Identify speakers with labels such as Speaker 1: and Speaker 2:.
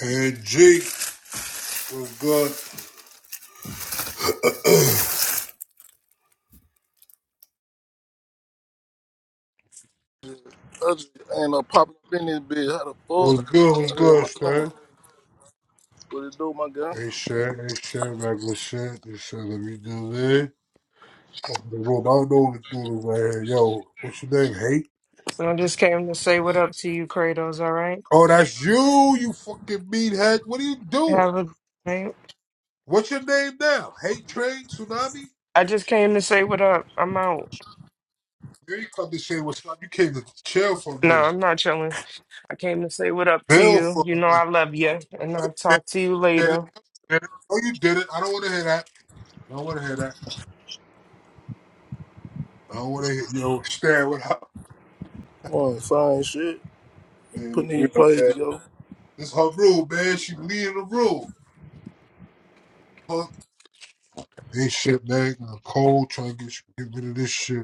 Speaker 1: Hey, G, what's good?
Speaker 2: I just ain't no popping up in this bitch. How the fuck?
Speaker 1: What's good? What's
Speaker 2: I heard
Speaker 1: good,
Speaker 2: my name.
Speaker 1: Stan?
Speaker 2: What it do, my guy?
Speaker 1: Hey, Shan, hey, Shan, regular shit. They said, let me do this. Open the room. I don't know what to do this right here. Yo, what's your name, Hate?
Speaker 3: So I just came to say what up to you, Kratos, all right?
Speaker 1: Oh, that's you, you fucking meathead. What are you doing?
Speaker 3: Have a night.
Speaker 1: What's your name now? Hate Train? Tsunami?
Speaker 3: I just came to say what up. I'm out.
Speaker 1: Yeah, You ain't come to say what's up. You came to chill for a
Speaker 3: No,
Speaker 1: minute.
Speaker 3: I'm not chilling. I came to say what up to
Speaker 1: Bill
Speaker 3: you.
Speaker 1: for
Speaker 3: You
Speaker 1: a
Speaker 3: know
Speaker 1: minute.
Speaker 3: I love you, and I'll talk to you
Speaker 1: Did, did
Speaker 3: later.
Speaker 1: it, did it. Oh, you did it. I don't want to hear that. I don't want to hear that. I don't want to hear, yo, Stan, what up?
Speaker 2: Well, fine shit.
Speaker 1: Yeah,
Speaker 2: Putting
Speaker 1: good,
Speaker 2: these plays
Speaker 1: man.
Speaker 2: together.
Speaker 1: This her rule, man. She leading the rule. Huh? Ain't shit, man. I'm cold trying to get, get rid of this shit.